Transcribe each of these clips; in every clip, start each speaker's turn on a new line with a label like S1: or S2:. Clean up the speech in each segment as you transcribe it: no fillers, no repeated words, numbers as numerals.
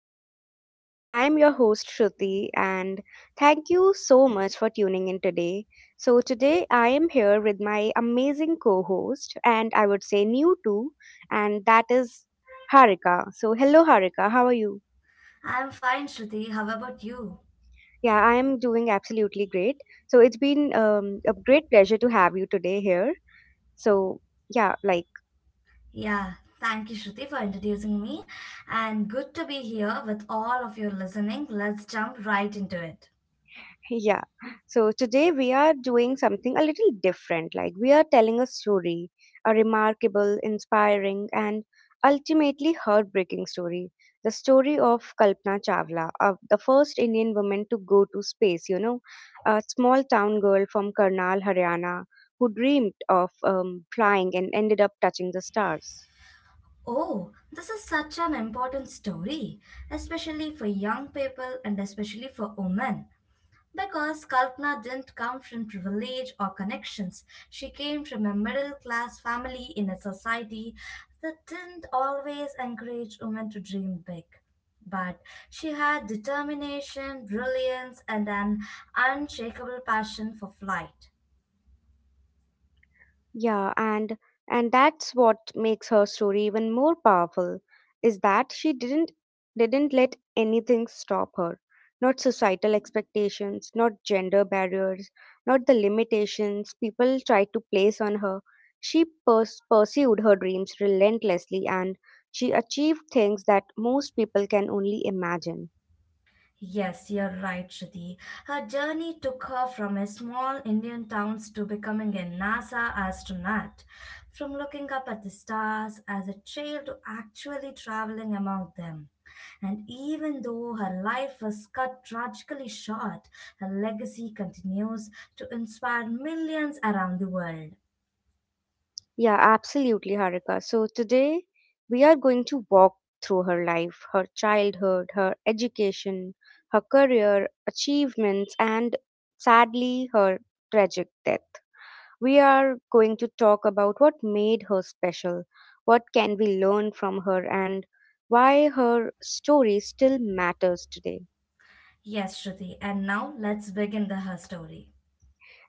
S1: the show. I am your host Shruti, and thank you so much for tuning in today. So today I am here with my amazing co host and I would say new too, and that is Harika. So hello Harika, how are you?
S2: I'm fine, Shruti. How about you?
S1: Yeah, I am doing absolutely great. So it's been a great pleasure to have you today here. So, yeah, like
S2: Yeah, Thank you, Shruti, for introducing me. And good to be here with all of you listening. Let's jump right into it.
S1: yeah. So today we are doing something a little different. Like, we are telling a story, a remarkable, inspiring, and ultimately heartbreaking story. The story of Kalpana Chawla, of the first Indian woman to go to space, you know, a small town girl from Karnal, Haryana, who dreamed of flying and ended up touching the stars.
S2: Oh, this is such an important story, especially for young people and especially for women. Because Kalpana didn't come from privilege or connections, she came from a middle class family in a society that didn't always encourage women to dream big. But she had determination, brilliance, and an unshakable passion for flight.
S1: Yeah, and that's what makes her story even more powerful is that she didn't let anything stop her. Not societal expectations, not gender barriers, not the limitations people tried to place on her. Pursued her dreams relentlessly, and she achieved things that most people can only imagine.
S2: Yes, you're right, Shruti. Her journey took her from a small Indian town to becoming a NASA astronaut. From looking up at the stars as a child to actually traveling among them. And even though her life was cut tragically short, her legacy continues to inspire millions around the world.
S1: Yeah, absolutely, Harika. So today we are going to walk through her life, her childhood, her education, her career, achievements, and sadly, her tragic death. We are going to talk about what made her special, what can we learn from her, and why her story still matters today.
S2: Yes, Shruti, and now let's begin the her story.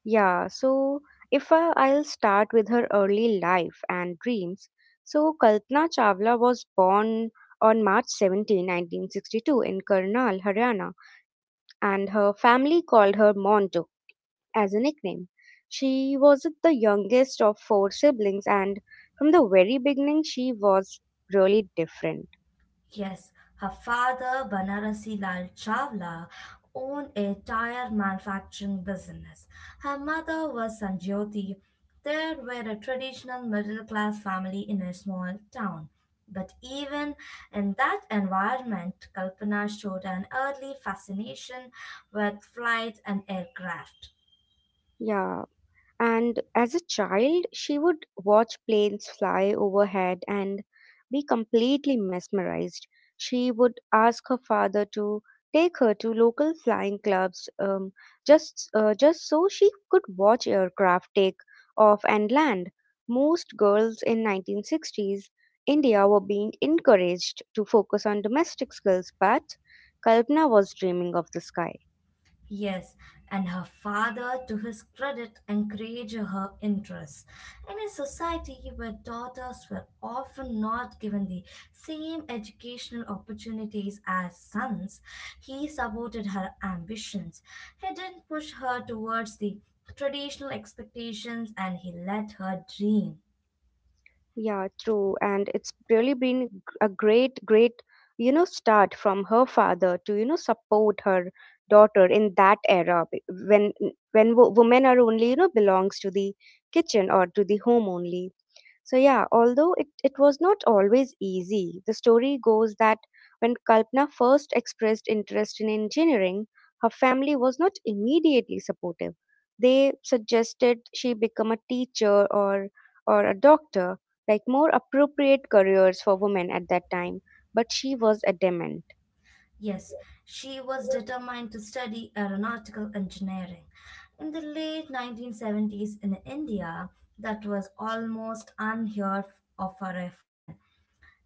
S1: Yeah, so if I, I'll start with her early life and dreams. So Kalpana Chawla was born on March 17, 1962 in Karnal, Haryana, and her family called her Monto as a nickname. She was the youngest of four siblings, and from the very beginning she was really different.
S2: Yes, her father, Banarasi Lal Chawla, owned a tire manufacturing business. Her mother was Sanjyoti. They were a traditional middle class family in a small town. But even in that environment, Kalpana showed an early fascination with flight and aircraft.
S1: Yeah. And as a child, she would watch planes fly overhead and be completely mesmerized. She would ask her father to take her to local flying clubs, just so she could watch aircraft take off and land. Most girls in 1960s India were being encouraged to focus on domestic skills, but Kalpana was dreaming of the sky.
S2: Yes, and her father, to his credit, encouraged her interests. In a society where daughters were often not given the same educational opportunities as sons, he supported her ambitions. He didn't push her towards the traditional expectations and he let her dream.
S1: Yeah, true. And it's really been a great, you know, start from her father to, you know, support her daughter in that era when women are only, you know, belongs to the kitchen or to the home only. So yeah, although it was not always easy, the story goes that when Kalpana first expressed interest in engineering, her family was not immediately supportive. They suggested she become a teacher or a doctor, like more appropriate careers for women at that time, but she was adamant.
S2: Yes, she was determined to study aeronautical engineering. In the late 1970s in India, that was almost unheard of for a woman.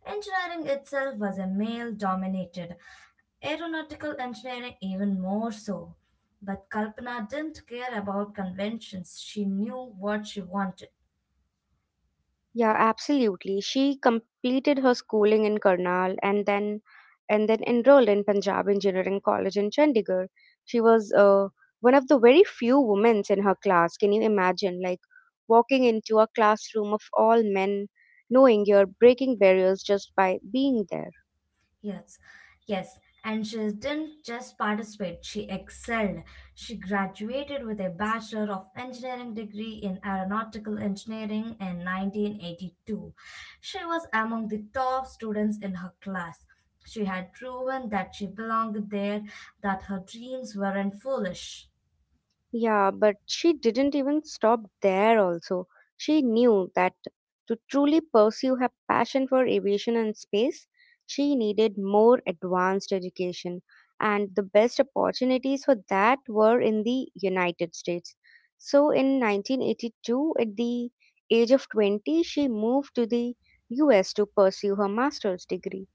S2: Engineering itself was a male dominated, aeronautical engineering even more so. But Kalpana didn't care about conventions, she knew what she wanted.
S1: Yeah, absolutely. She completed her schooling in Karnal and then enrolled in Punjab Engineering College in Chandigarh. She was, one of the very few women in her class. Can you imagine, like, walking into a classroom of all men, knowing you're breaking barriers just by being there?
S2: Yes, yes. And she didn't just participate, she excelled. She graduated with a Bachelor of Engineering degree in Aeronautical Engineering in 1982. She was among the top students in her class. She had proven that she belonged there, that her dreams weren't foolish.
S1: Yeah, but she didn't even stop there also. She knew that to truly pursue her passion for aviation and space, she needed more advanced education, and the best opportunities for that were in the United States. So in 1982, at the age of 20, she moved to the US to pursue her master's degree.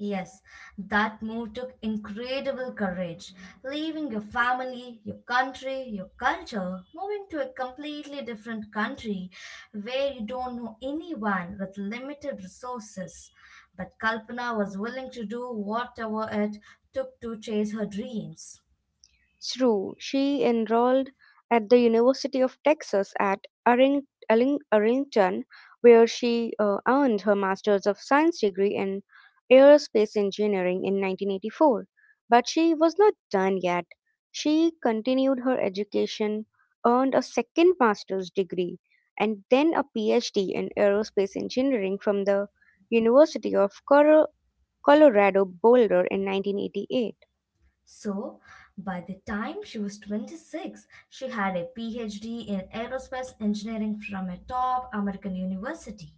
S2: Yes, that move took incredible courage, leaving your family, your country, your culture, moving to a completely different country where you don't know anyone with limited resources. But Kalpana was willing to do whatever it took to chase her dreams.
S1: True, she enrolled at the University of Texas at Arlington, where she earned her Master's of Science degree in Aerospace Engineering in 1984. But she was not done yet. She continued her education, earned a second Master's degree, and then a PhD in Aerospace Engineering from the University of Colorado Boulder in 1988.
S2: So, by the time she was 26, she had a PhD in aerospace engineering from a top American university.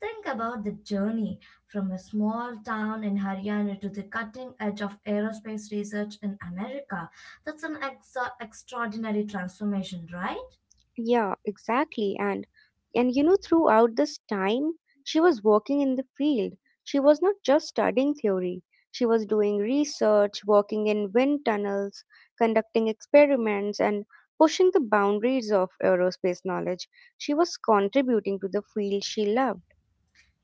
S2: Think about the journey from a small town in Haryana to the cutting edge of aerospace research in America. That's an exa extraordinary transformation, right?
S1: Yeah, exactly. And you know, throughout this time, she was working in the field. She was not just studying theory. She was doing research, working in wind tunnels, conducting experiments, and pushing the boundaries of aerospace knowledge. She was contributing to the field she loved.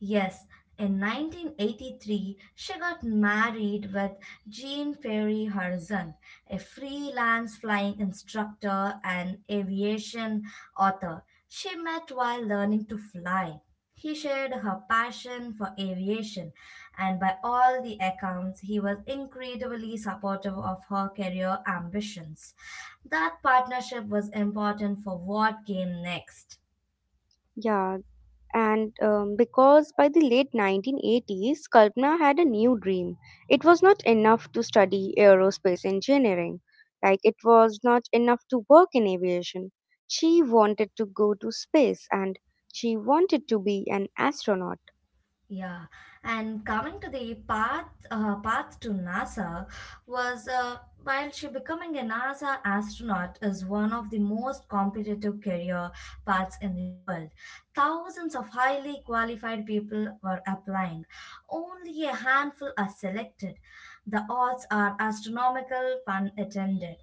S2: Yes, in 1983, she got married with Jean Perry Horizon, a freelance flying instructor and aviation author she met while learning to fly. He shared her passion for aviation, and by all the accounts, he was incredibly supportive of her career ambitions. That partnership was important for what came next.
S1: Yeah, and because by the late 1980s, Kalpana had a new dream. It was not enough to study aerospace engineering; like, it was not enough to work in aviation. She wanted to go to space, and she wanted to be an astronaut.
S2: Yeah, and coming to the path path to NASA was while she becoming a NASA astronaut is one of the most competitive career paths in the world. Thousands of highly qualified people were applying. Only a handful are selected. The odds are astronomical when attended.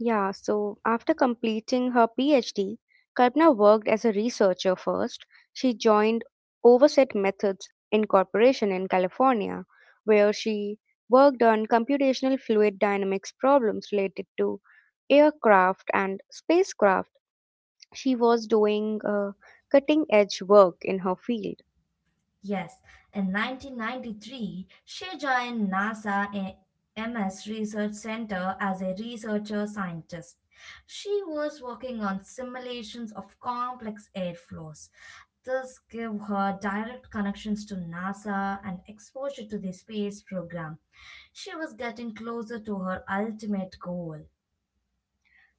S1: Yeah, so after completing her PhD, Kalpana worked as a researcher first. She joined Overset Methods Incorporation in California, where she worked on computational fluid dynamics problems related to aircraft and spacecraft. She was doing cutting edge work in her field.
S2: Yes, in 1993, she joined NASA A- MS Research Center as a researcher scientist. She was working on simulations of complex airflows. This gave her direct connections to NASA and exposure to the space program. She was getting closer to her ultimate goal.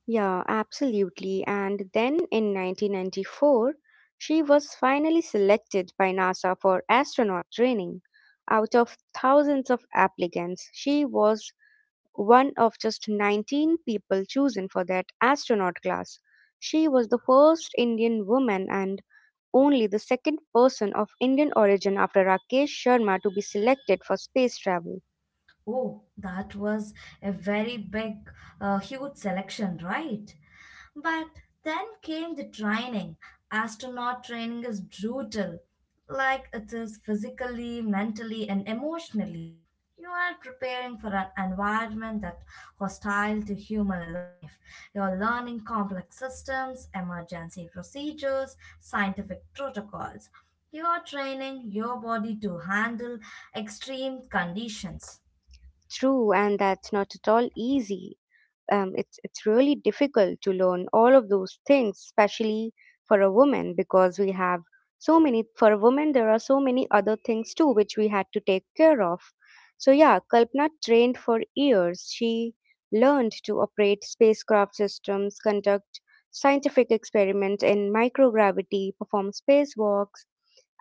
S1: Yeah, absolutely. And then in 1994, she was finally selected by NASA for astronaut training. Out of thousands of applicants, she was one of just 19 people chosen for that astronaut class. She was the first Indian woman and only the second person of Indian origin after Rakesh Sharma to be selected for space travel.
S2: Oh, that was a very big, huge selection, right? But then came the training. Astronaut training is brutal. Like it is physically, mentally, and emotionally. You are preparing for an environment that hostile to human life. You're learning complex systems, emergency procedures, scientific protocols. You are training your body to handle extreme conditions.
S1: True, and that's not at all easy. It's really difficult to learn all of those things, especially for a woman, because we have so many for a woman there are so many other things too which we had to take care of. So yeah, Kalpana trained for years. She learned to operate spacecraft systems, conduct scientific experiments in microgravity, perform spacewalks,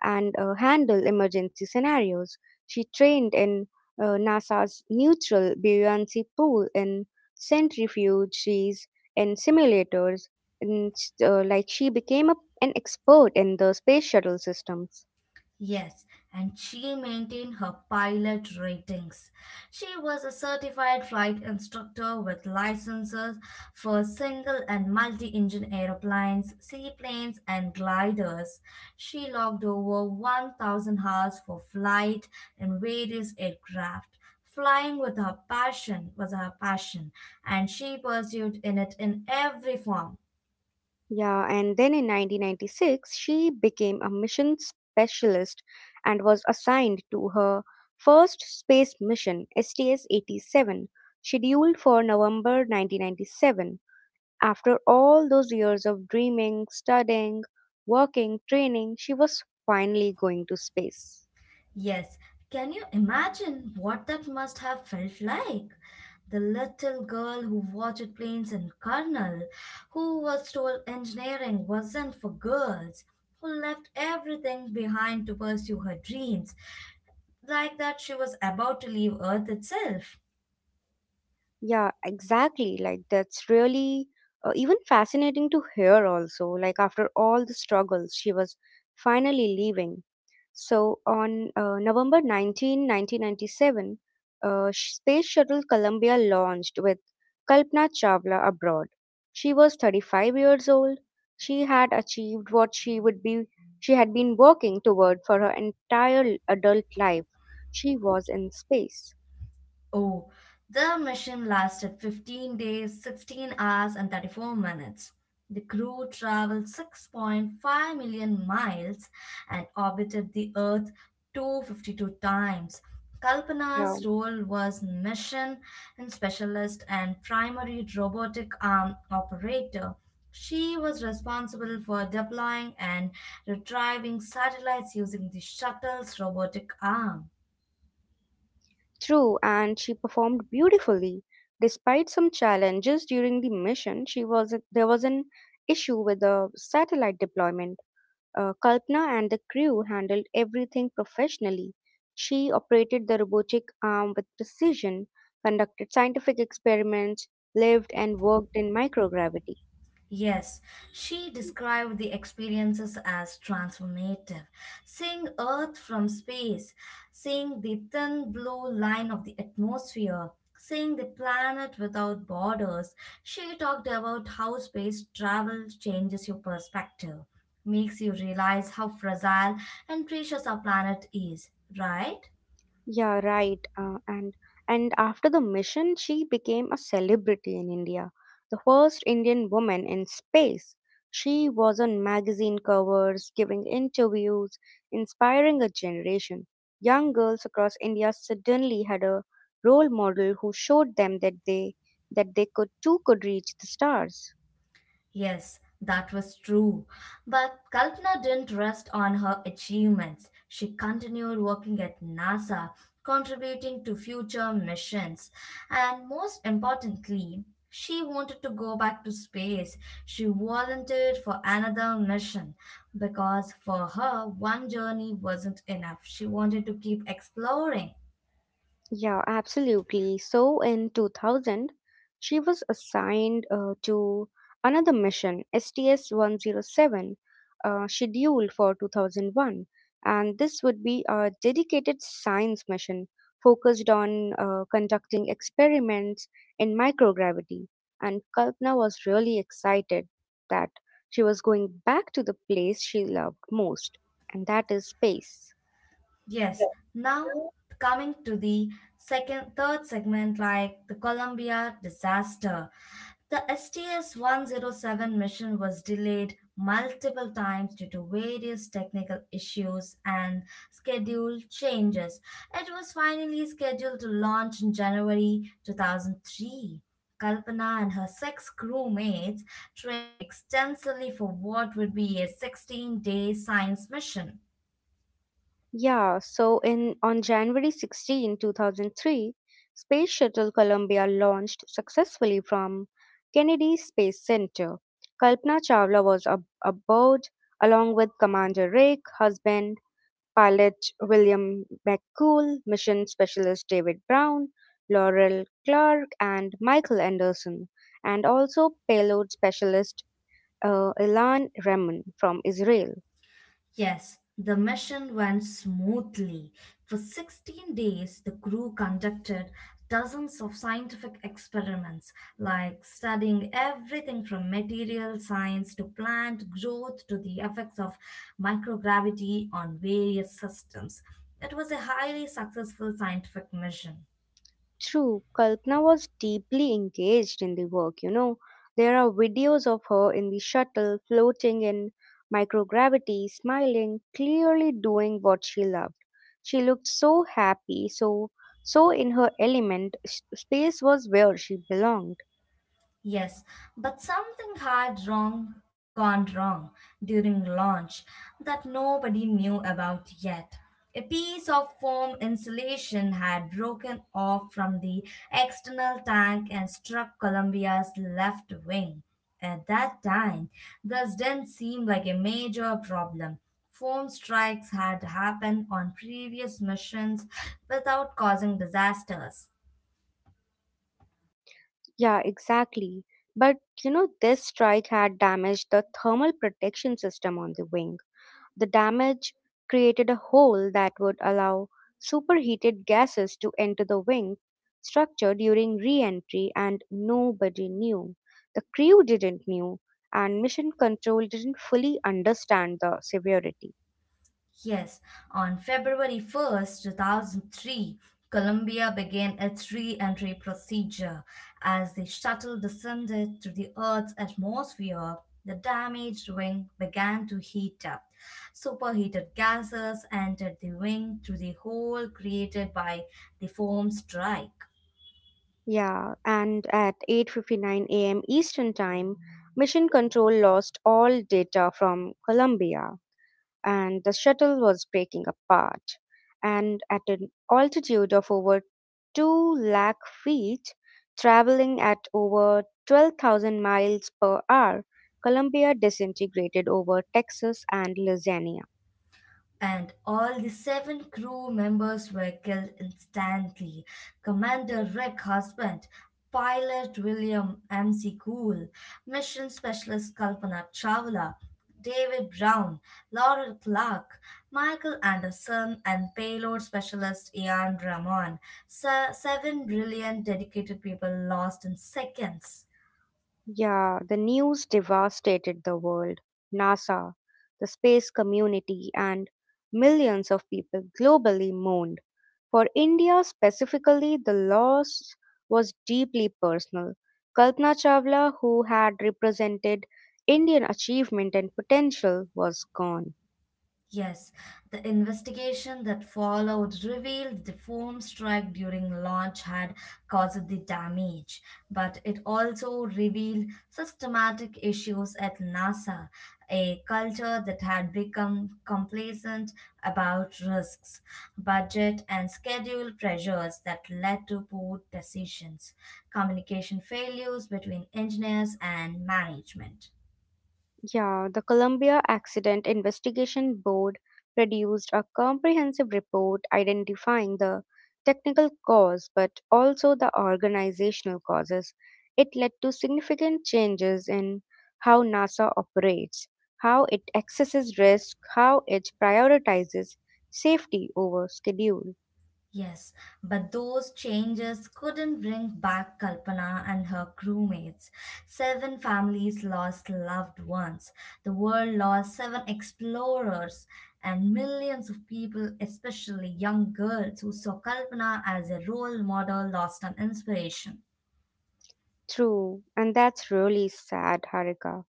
S1: and handle emergency scenarios. She trained in, NASA's neutral buoyancy pool, in centrifuges, in simulators, and, uh, like she became a, an expert in the space shuttle systems.
S2: Yes, and she maintained her pilot ratings. She was a certified flight instructor with licenses for single and multi engine aeroplanes, seaplanes, and gliders. She logged over 1,000 hours for flight in various aircraft. Flying with her passion was her passion, and she pursued in it in every form.
S1: Yeah, and then in 1996, she became a mission specialist and was assigned to her first space mission, STS 87, scheduled for November 1997. After all those years of dreaming, studying, working, training, she was finally going to space.
S2: Yes, can you imagine what that must have felt like? The little girl who watched planes in Karnal, who was told engineering wasn't for girls, who left everything behind to pursue her dreams, like that she was about to leave Earth itself.
S1: Yeah, exactly. Like, that's really, even fascinating to hear also. Like, after all the struggles, she was finally leaving. So on November 19, 1997, Space Shuttle Columbia launched with Kalpana Chawla abroad. She was 35 years old. She had achieved what she would be she had been working toward for her entire adult life. She was in space.
S2: Oh, the mission lasted 15 days, 16 hours, and 34 minutes. The crew traveled 6.5 million miles and orbited the Earth 252 times.
S1: Yeah.
S2: Kalpana's role was mission and specialist and primary robotic arm operator. She was responsible for deploying and retrieving satellites using the shuttle's robotic arm.
S1: True, and she performed beautifully. Despite some challenges during the mission, she was there was an issue with the satellite deployment. Kalpana and the crew handled everything professionally. She operated the robotic arm with precision, conducted scientific experiments, lived and worked in microgravity.
S2: Yes, she described the experiences as transformative. Seeing Earth from space, seeing the thin blue line of the atmosphere, seeing the planet without borders, she talked about how space travel changes your perspective, makes you realize how fragile and precious our planet is, right?
S1: Yeah, right. And after the mission, she became a celebrity in India, the first Indian woman in space. She was on magazine covers, giving interviews, inspiring a generation. Young girls across India suddenly had a role model who showed them that they could too could reach the stars.
S2: Yes, that was true. But Kalpana didn't rest on her achievements. She continued working at NASA, contributing to future missions. And most importantly, she wanted to go back to space. She volunteered for another mission because for her, one journey wasn't enough. She wanted to keep exploring.
S1: Yeah, absolutely. So in 2000, she was assigned, to another mission, STS 107, scheduled for 2001. And this would be a dedicated science mission focused on conducting experiments in microgravity. And Kalpana was really excited that she was going back to the place she loved most, and that is space.
S2: Yes. Now coming to the second third segment like the Columbia disaster. The STS 107 mission was delayed multiple times due to various technical issues and schedule changes. It was finally scheduled to launch in January 2003. Kalpana and her six crewmates trained extensively for what would be a 16-day science mission.
S1: Yeah, so in on January 16, 2003, Space Shuttle Columbia launched successfully from Kennedy Space Center. Kalpana Chawla was aboard along with Commander Rick Husband, pilot William McCool, mission specialist David Brown, Laurel Clark, and Michael Anderson, and also payload specialist, Ilan Remon from Israel.
S2: Yes, the mission went smoothly. For 16 days, the crew conducted dozens of scientific experiments, like studying everything from material science to plant growth to the effects of microgravity on various systems. It was a highly successful scientific mission.
S1: True, Kalpana was deeply engaged in the work, you know. There are videos of her in the shuttle, floating in microgravity, smiling, clearly doing what she loved. She looked so happy, so in her element. Space was where she belonged.
S2: Yes, but something had wrong gone wrong during launch that nobody knew about yet. A piece of foam insulation had broken off from the external tank and struck Columbia's left wing. At that time, this didn't seem like a major problem. Foam strikes had happened on previous missions without causing disasters.
S1: Yeah, exactly. But you know, this strike had damaged the thermal protection system on the wing. The damage created a hole that would allow superheated gases to enter the wing structure during re-entry, and nobody knew. The crew didn't knew, and mission control didn't fully understand the severity.
S2: Yes, on February 1st, 2003, Colombia began its re entry procedure. As the shuttle descended to the Earth's atmosphere, the damaged wing began to heat up. Superheated gases entered the wing through the hole created by the foam strike.
S1: Yeah, and at 8:59 a.m. Eastern Time, Mission Control lost all data from Columbia, and the shuttle was breaking apart. And at an altitude of over 2 lakh feet, traveling at over 12,000 miles per hour, Columbia disintegrated over Texas and Louisiana.
S2: And all the seven crew members were killed instantly. Commander Rick Husband, pilot William M.C. Cool, mission specialist Kalpana Chawla, David Brown, Laurel Clark, Michael Anderson, and payload specialist Ian Ramon. Seven brilliant, dedicated people lost in seconds.
S1: Yeah, the news devastated the world. NASA, the space community, and millions of people globally mourned. For India specifically, the loss was deeply personal. Kalpana Chawla, who had represented Indian achievement and potential, was gone.
S2: Yes, the investigation that followed revealed the foam strike during launch had caused the damage, but it also revealed systematic issues at NASA, a culture that had become complacent about risks, budget, and schedule pressures that led to poor decisions, communication failures between engineers and management.
S1: Yeah, the Columbia Accident Investigation Board produced a comprehensive report identifying the technical cause but also the organizational causes. It led to significant changes in how NASA operates, how it accesses risk, how it prioritizes safety over schedule.
S2: Yes, but those changes couldn't bring back Kalpana and her crewmates. Seven families lost loved ones. The world lost seven explorers and millions of people, especially young girls who saw Kalpana as a role model, lost an inspiration.
S1: True, and that's really sad, Harika.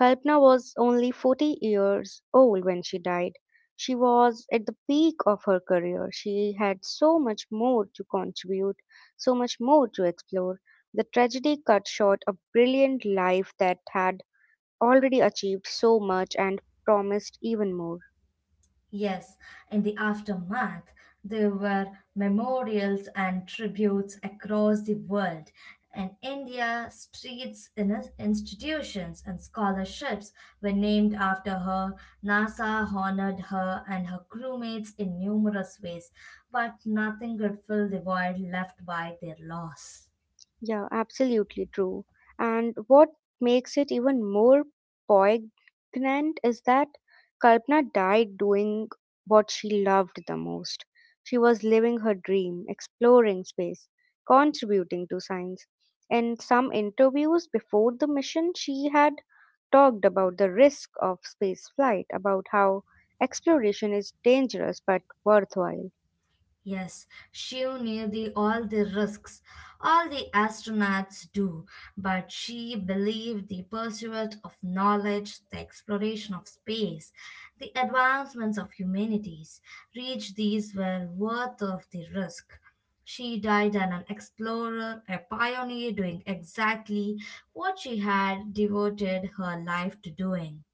S1: Kalpana was only 40 years old when she died. She was at the peak of her career. She had so much more to contribute, so much more to explore. The tragedy cut short a brilliant life that had already achieved so much and promised even more.
S2: Yes, in the aftermath, there were memorials and tributes across the world. In India, streets, institutions, and scholarships were named after her. NASA honored her and her crewmates in numerous ways, but nothing could fill the void left by their loss.
S1: Yeah, absolutely true. And what makes it even more poignant is that Kalpana died doing what she loved the most. She was living her dream, exploring space, contributing to science. In some interviews before the mission, she had talked about the risk of space flight, about how exploration is dangerous but worthwhile.
S2: Yes, she knew the all the risks all the astronauts do, but she believed the pursuit of knowledge, the exploration of space, the advancements of humanities, reach these were worth of the risk. She died an explorer, a pioneer doing exactly what she had devoted her life to doing.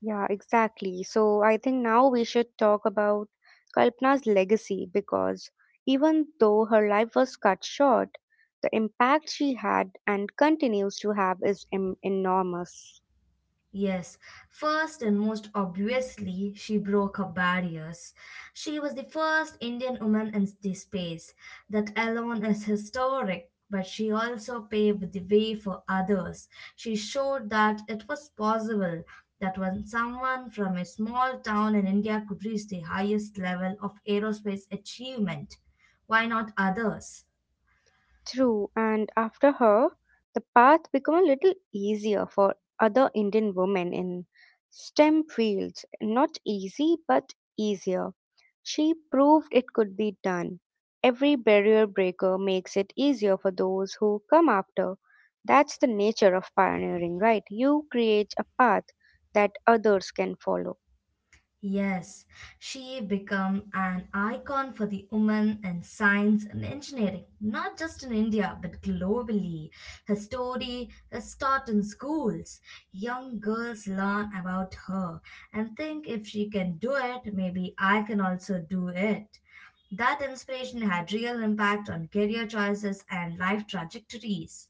S1: Yeah, exactly. So I think now we should talk about Kalpana's legacy because even though her life was cut short, the impact she had and continues to have is enormous.
S2: Yes, first and most obviously, she broke her barriers. She was the first Indian woman in the space. That alone is historic, but she also paved the way for others. She showed that it was possible that when someone from a small town in India could reach the highest level of aerospace achievement, why not others?
S1: True, and after her, the path became a little easier for other Indian women in STEM fields. Not easy, but easier. She proved it could be done. Every barrier breaker makes it easier for those who come after. That's the nature of pioneering, right? You create a path that others can follow.
S2: Yes, she became an icon for the women in science and engineering, not just in India but globally. Her story is taught in schools. Young girls learn about her and think if she can do it, maybe I can also do it. That inspiration had real impact on career choices and life trajectories.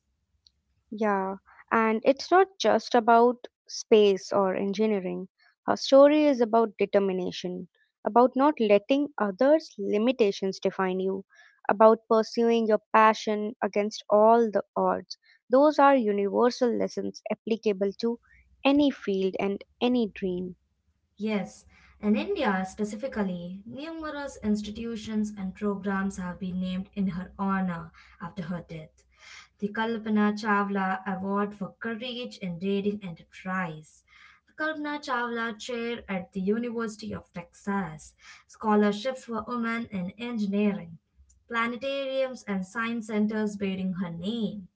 S1: Yeah, and it's not just about space or engineering. Her story is about determination, about not letting others' limitations define you, about pursuing your passion against all the odds. Those are universal lessons applicable to any field and any dream.
S2: Yes, in India specifically, numerous institutions and programs have been named in her honor after her death. The Kalpana Chawla Award for Courage in Dating Enterprise, the Kalpana Chawla Chair at the University of Texas, scholarships for women in engineering, planetariums and science centers bearing her name.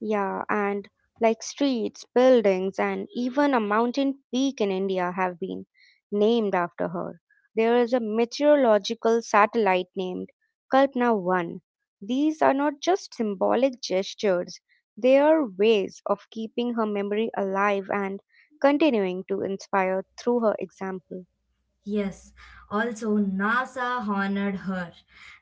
S1: Yeah, and like streets, buildings, and even a mountain peak in India have been named after her. There is a meteorological satellite named Kalpana 1. These are not just symbolic gestures, they are ways of keeping her memory alive and continuing to inspire through her example.
S2: Yes, also NASA honored her.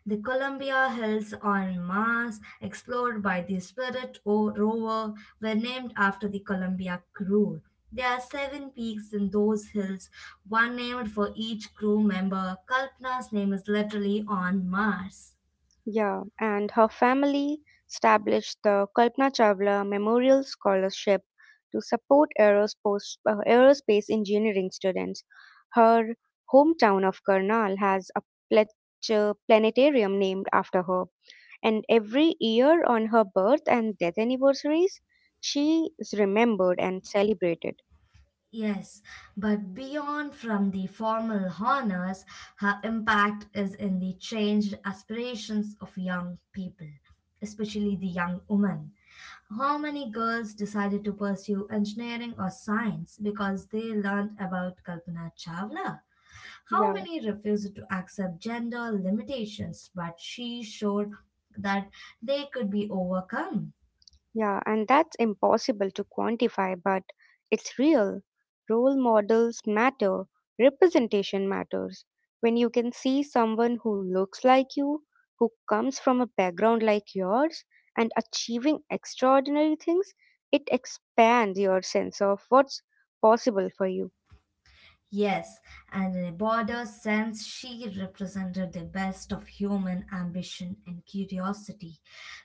S2: The Columbia Hills on Mars, explored by the Spirit rover, were named after the Columbia crew. There are seven peaks in those hills, one named for each crew member. Kalpana's name is literally on Mars.
S1: Yeah, and her family established the Kalpana Chawla Memorial Scholarship to support aerospace, aerospace engineering students. Her hometown of Karnal has a plet- planetarium named after her, and every year on her birth and death anniversaries, she is remembered and celebrated.
S2: Yes, but beyond from the formal honors, her impact is in the changed aspirations of young people, especially the young women. How many girls decided to pursue engineering or science because they learned about Kalpana Chawla? How
S1: Yeah.
S2: many refused to accept gender limitations but she showed that they could be overcome?
S1: Yeah, and that's impossible to quantify, but it's real. Role models matter, representation matters. When you can see someone who looks like you, who comes from a background like yours, and achieving extraordinary things, it expands your sense of what's possible for you.
S2: Yes, and in a broader sense, she represented the best of human ambition and curiosity.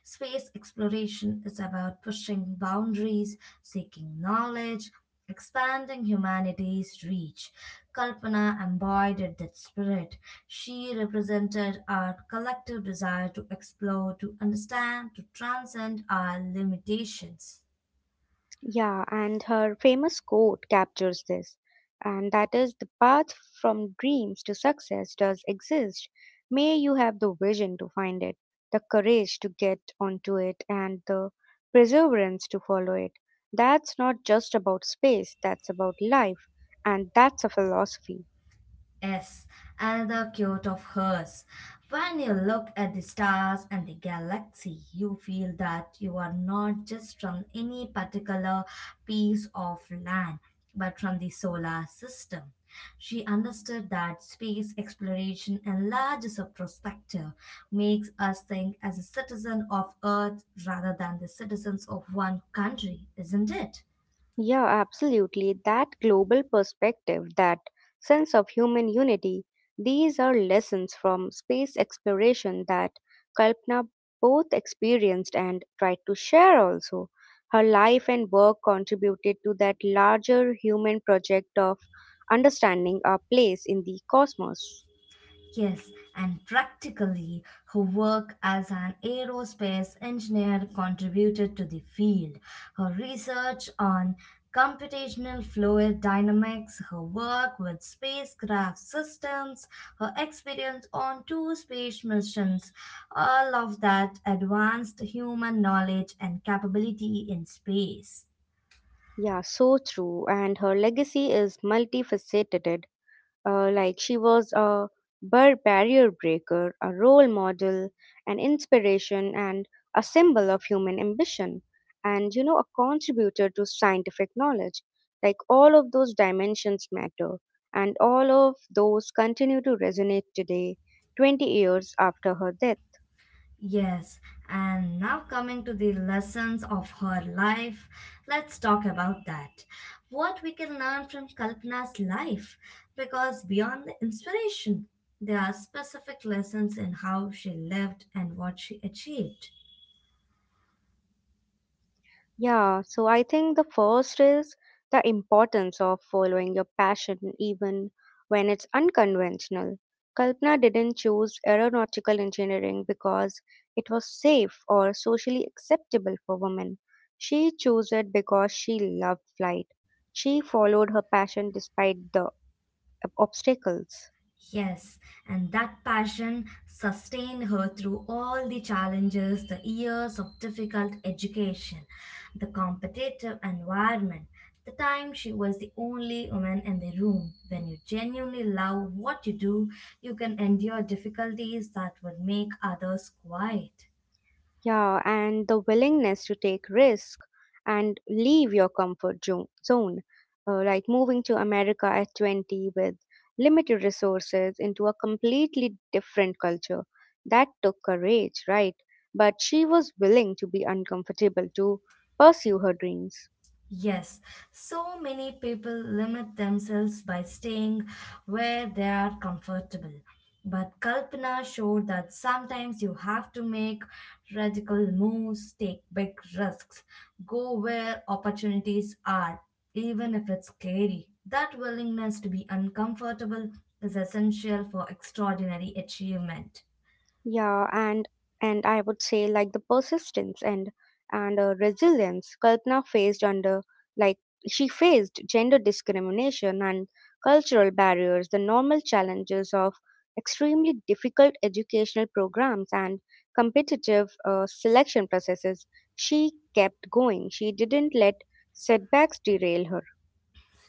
S2: Space exploration is about pushing boundaries, seeking knowledge, expanding humanity's reach. Kalpana embodied that spirit. She represented our collective desire to explore, to understand, to transcend our limitations.
S1: Yeah, and her famous quote captures this, and that is the path from dreams to success does exist. May you have the vision to find it, the courage to get onto it, and the perseverance to follow it. That's not just about space, that's about life, and that's a philosophy.
S2: Yes, and the quote of hers. When you look at the stars and the galaxy, you feel that you are not just from any particular piece of land, but from the solar system. She understood that space exploration enlarges our perspective, makes us think as a citizen of Earth rather than the citizens of one country, isn't it?
S1: Yeah, absolutely. That global perspective, that sense of human unity, these are lessons from space exploration that Kalpana both experienced and tried to share also. Her life and work contributed to that larger human project of understanding our place in the cosmos.
S2: Yes, and practically, her work as an aerospace engineer contributed to the field. Her research on computational fluid dynamics, her work with spacecraft systems, her experience on two space missions, all of that advanced human knowledge and capability in space.
S1: Yeah, so true. And her legacy is multifaceted. Like she was a barrier breaker, a role model, an inspiration, and a symbol of human ambition, and you know, a contributor to scientific knowledge. Like all of those dimensions matter, and all of those continue to resonate today, 20 years after her death.
S2: Yes, and now coming to the lessons of her life, let's talk about that. What we can learn from Kalpana's life, because beyond the inspiration, there are specific lessons in how she lived and what she achieved.
S1: Yeah, so I think the first is the importance of following your passion even when it's unconventional. Kalpana didn't choose aeronautical engineering because it was safe or socially acceptable for women. She chose it because she loved flight. She followed her passion despite the obstacles.
S2: Yes, and that passion sustained her through all the challenges, the years of difficult education, the competitive environment, the time she was the only woman in the room. When you genuinely love what you do, you can endure difficulties that would make others quiet.
S1: Yeah, and the willingness to take risk and leave your comfort zone, like moving to America at 20 with limited resources into a completely different culture. That took courage, right? But she was willing to be uncomfortable to pursue her dreams.
S2: Yes, so many people limit themselves by staying where they are comfortable. But Kalpana showed that sometimes you have to make radical moves, take big risks, go where opportunities are, even if it's scary. That willingness to be uncomfortable is essential for extraordinary achievement.
S1: Yeah, and I would say like the persistence and resilience Kalpana faced under like she faced gender discrimination and cultural barriers, the normal challenges of extremely difficult educational programs and competitive selection processes. She kept going. She didn't let setbacks derail her.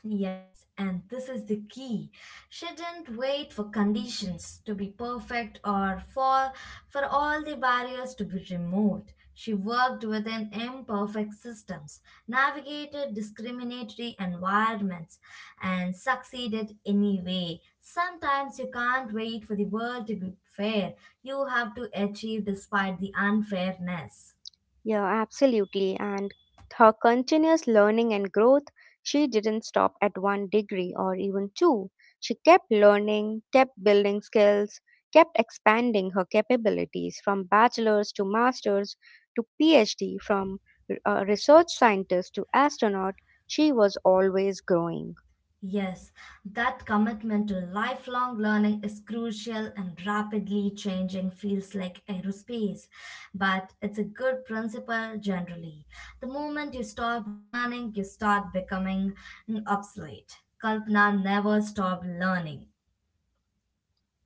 S2: Yes, and this is the key. Shouldn't wait for conditions to be perfect or for all the barriers to be removed. She worked within imperfect systems, navigated discriminatory environments, and succeeded anyway. Sometimes you can't wait for the world to be fair. You have to achieve despite the unfairness.
S1: Yeah, absolutely. And her continuous learning and growth, she didn't stop at one degree or even two. She kept learning, kept building skills, kept expanding her capabilities from bachelor's to master's to PhD, from research scientist to astronaut. She was always growing.
S2: Yes, that commitment to lifelong learning is crucial in rapidly changing fields like aerospace, but it's a good principle generally. The moment you stop learning, you start becoming obsolete. Kalpana never stopped learning.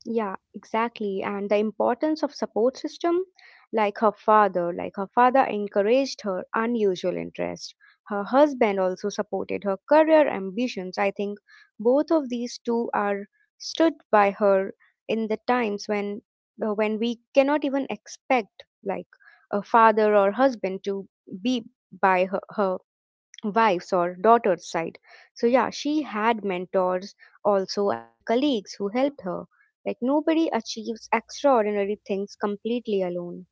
S1: Yeah, exactly. And the importance of support system, like her father encouraged her unusual interest. Her husband also supported her career ambitions. I think both of these two are stood by her in the times when we cannot even expect like a father or husband to be by her wife's or daughter's side. So yeah, she had mentors also and colleagues who helped her. Like nobody achieves extraordinary things completely alone.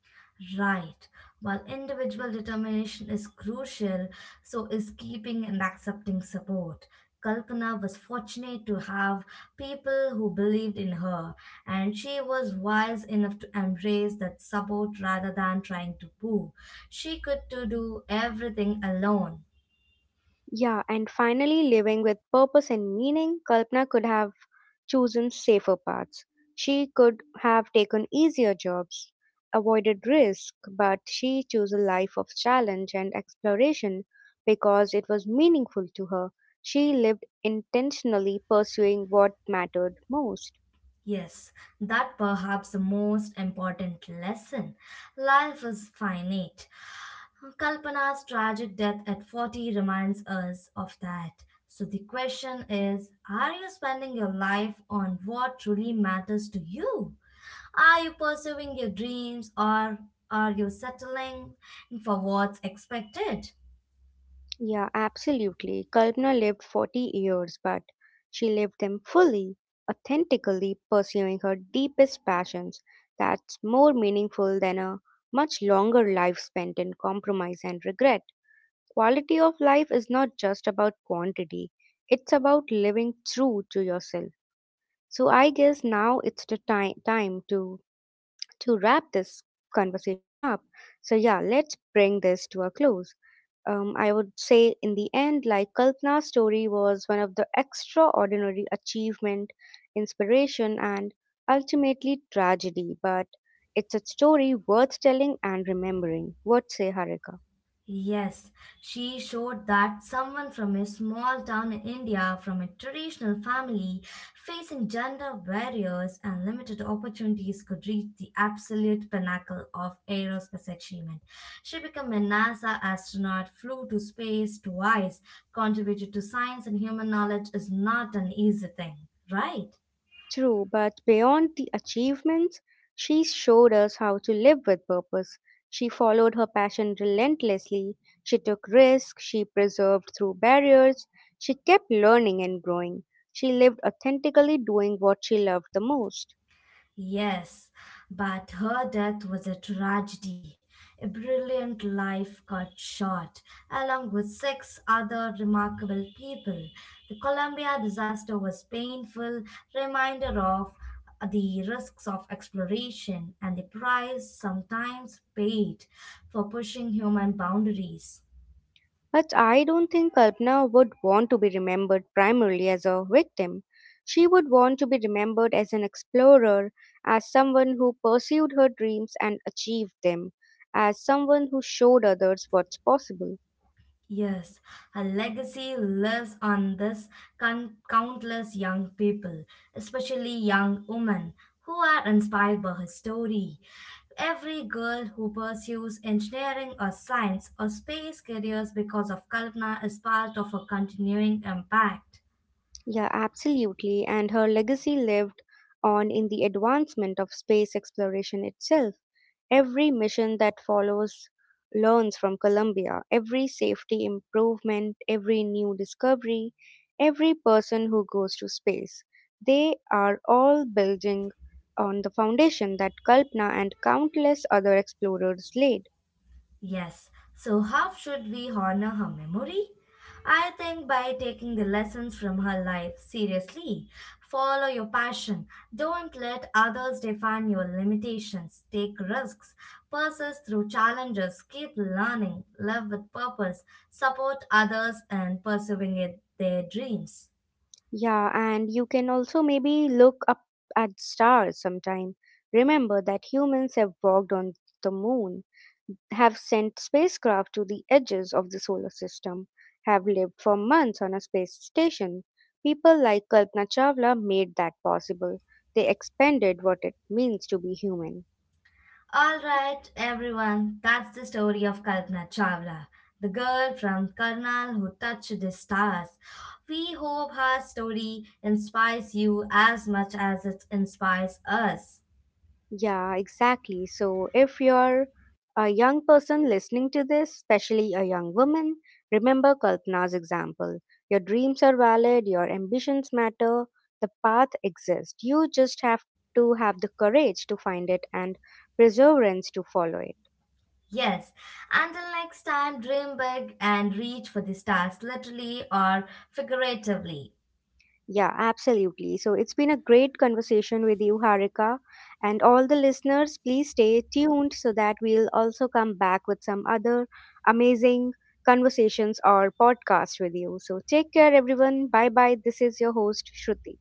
S2: Right. While individual determination is crucial, so is keeping and accepting support. Kalpana was fortunate to have people who believed in her, and she was wise enough to embrace that support rather than trying to prove she could to do everything alone.
S1: Yeah, and finally, living with purpose and meaning, Kalpana could have chosen safer paths. She could have taken easier jobs, avoided risk, but she chose a life of challenge and exploration because it was meaningful to her. She lived intentionally pursuing what mattered most.
S2: Yes, that perhaps the most important lesson. Life is finite. Kalpana's tragic death at 40 reminds us of that. So the question is, are you spending your life on what truly matters to you? Are you pursuing your dreams, or are you settling for what's expected?
S1: Yeah, absolutely. Kalpana lived 40 years, but she lived them fully, authentically pursuing her deepest passions. That's more meaningful than a much longer life spent in compromise and regret. Quality of life is not just about quantity, it's about living true to yourself. So I guess now it's the time to wrap this conversation up, so yeah, let's bring this to a close. I would say in the end, like Kalpana's story was one of the extraordinary achievement, inspiration, and ultimately tragedy, but it's a story worth telling and remembering. What say, Harika?
S2: Yes, she showed that someone from a small town in India, from a traditional family, facing gender barriers and limited opportunities, could reach the absolute pinnacle of aerospace achievement. She became a NASA astronaut, flew to space twice, contributed to science and human knowledge is not an easy thing, right?
S1: True, but beyond the achievements, she showed us how to live with purpose. She followed her passion relentlessly. She took risks. She preserved through barriers. She kept learning and growing. She lived authentically doing what she loved the most.
S2: Yes, but her death was a tragedy. A brilliant life got short, along with six other remarkable people. The Columbia disaster was painful reminder of the risks of exploration and the price sometimes paid for pushing human boundaries.
S1: But I don't think Kalpana would want to be remembered primarily as a victim. She would want to be remembered as an explorer, as someone who pursued her dreams and achieved them, as someone who showed others what's possible.
S2: Yes, a legacy lives on this countless young people, especially young women who are inspired by her story. Every girl who pursues engineering or science or space careers because of Kalpana is part of a continuing impact.
S1: Yeah, absolutely. And her legacy lived on in the advancement of space exploration itself. Every mission that follows learns from Colombia. Every safety improvement, every new discovery, every person who goes to space. They are all building on the foundation that Kalpana and countless other explorers laid.
S2: Yes, so how should we honor her memory? I think by taking the lessons from her life seriously. Follow your passion. Don't let others define your limitations. Take risks. Persist through challenges. Keep learning. Live with purpose. Support others and pursuing it, their dreams.
S1: Yeah, and you can also maybe look up at stars sometime. Remember that humans have walked on the moon, have sent spacecraft to the edges of the solar system, have lived for months on a space station. People like Kalpana Chawla made that possible. They expanded what it means to be human.
S2: All right, everyone, that's the story of Kalpana Chawla, the girl from Karnal who touched the stars. We hope her story inspires you as much as it inspires us.
S1: Yeah, exactly. So if you're a young person listening to this, especially a young woman, remember Kalpana's example. Your dreams are valid, your ambitions matter, the path exists. You just have to have the courage to find it and perseverance to follow it.
S2: Yes, until next time, dream big and reach for the stars, literally or figuratively.
S1: Yeah, absolutely. So it's been a great conversation with you, Harika. And all the listeners, please stay tuned so that we'll also come back with some other amazing conversations or podcasts with you. So take care, everyone. Bye bye. This is your host, Shruti.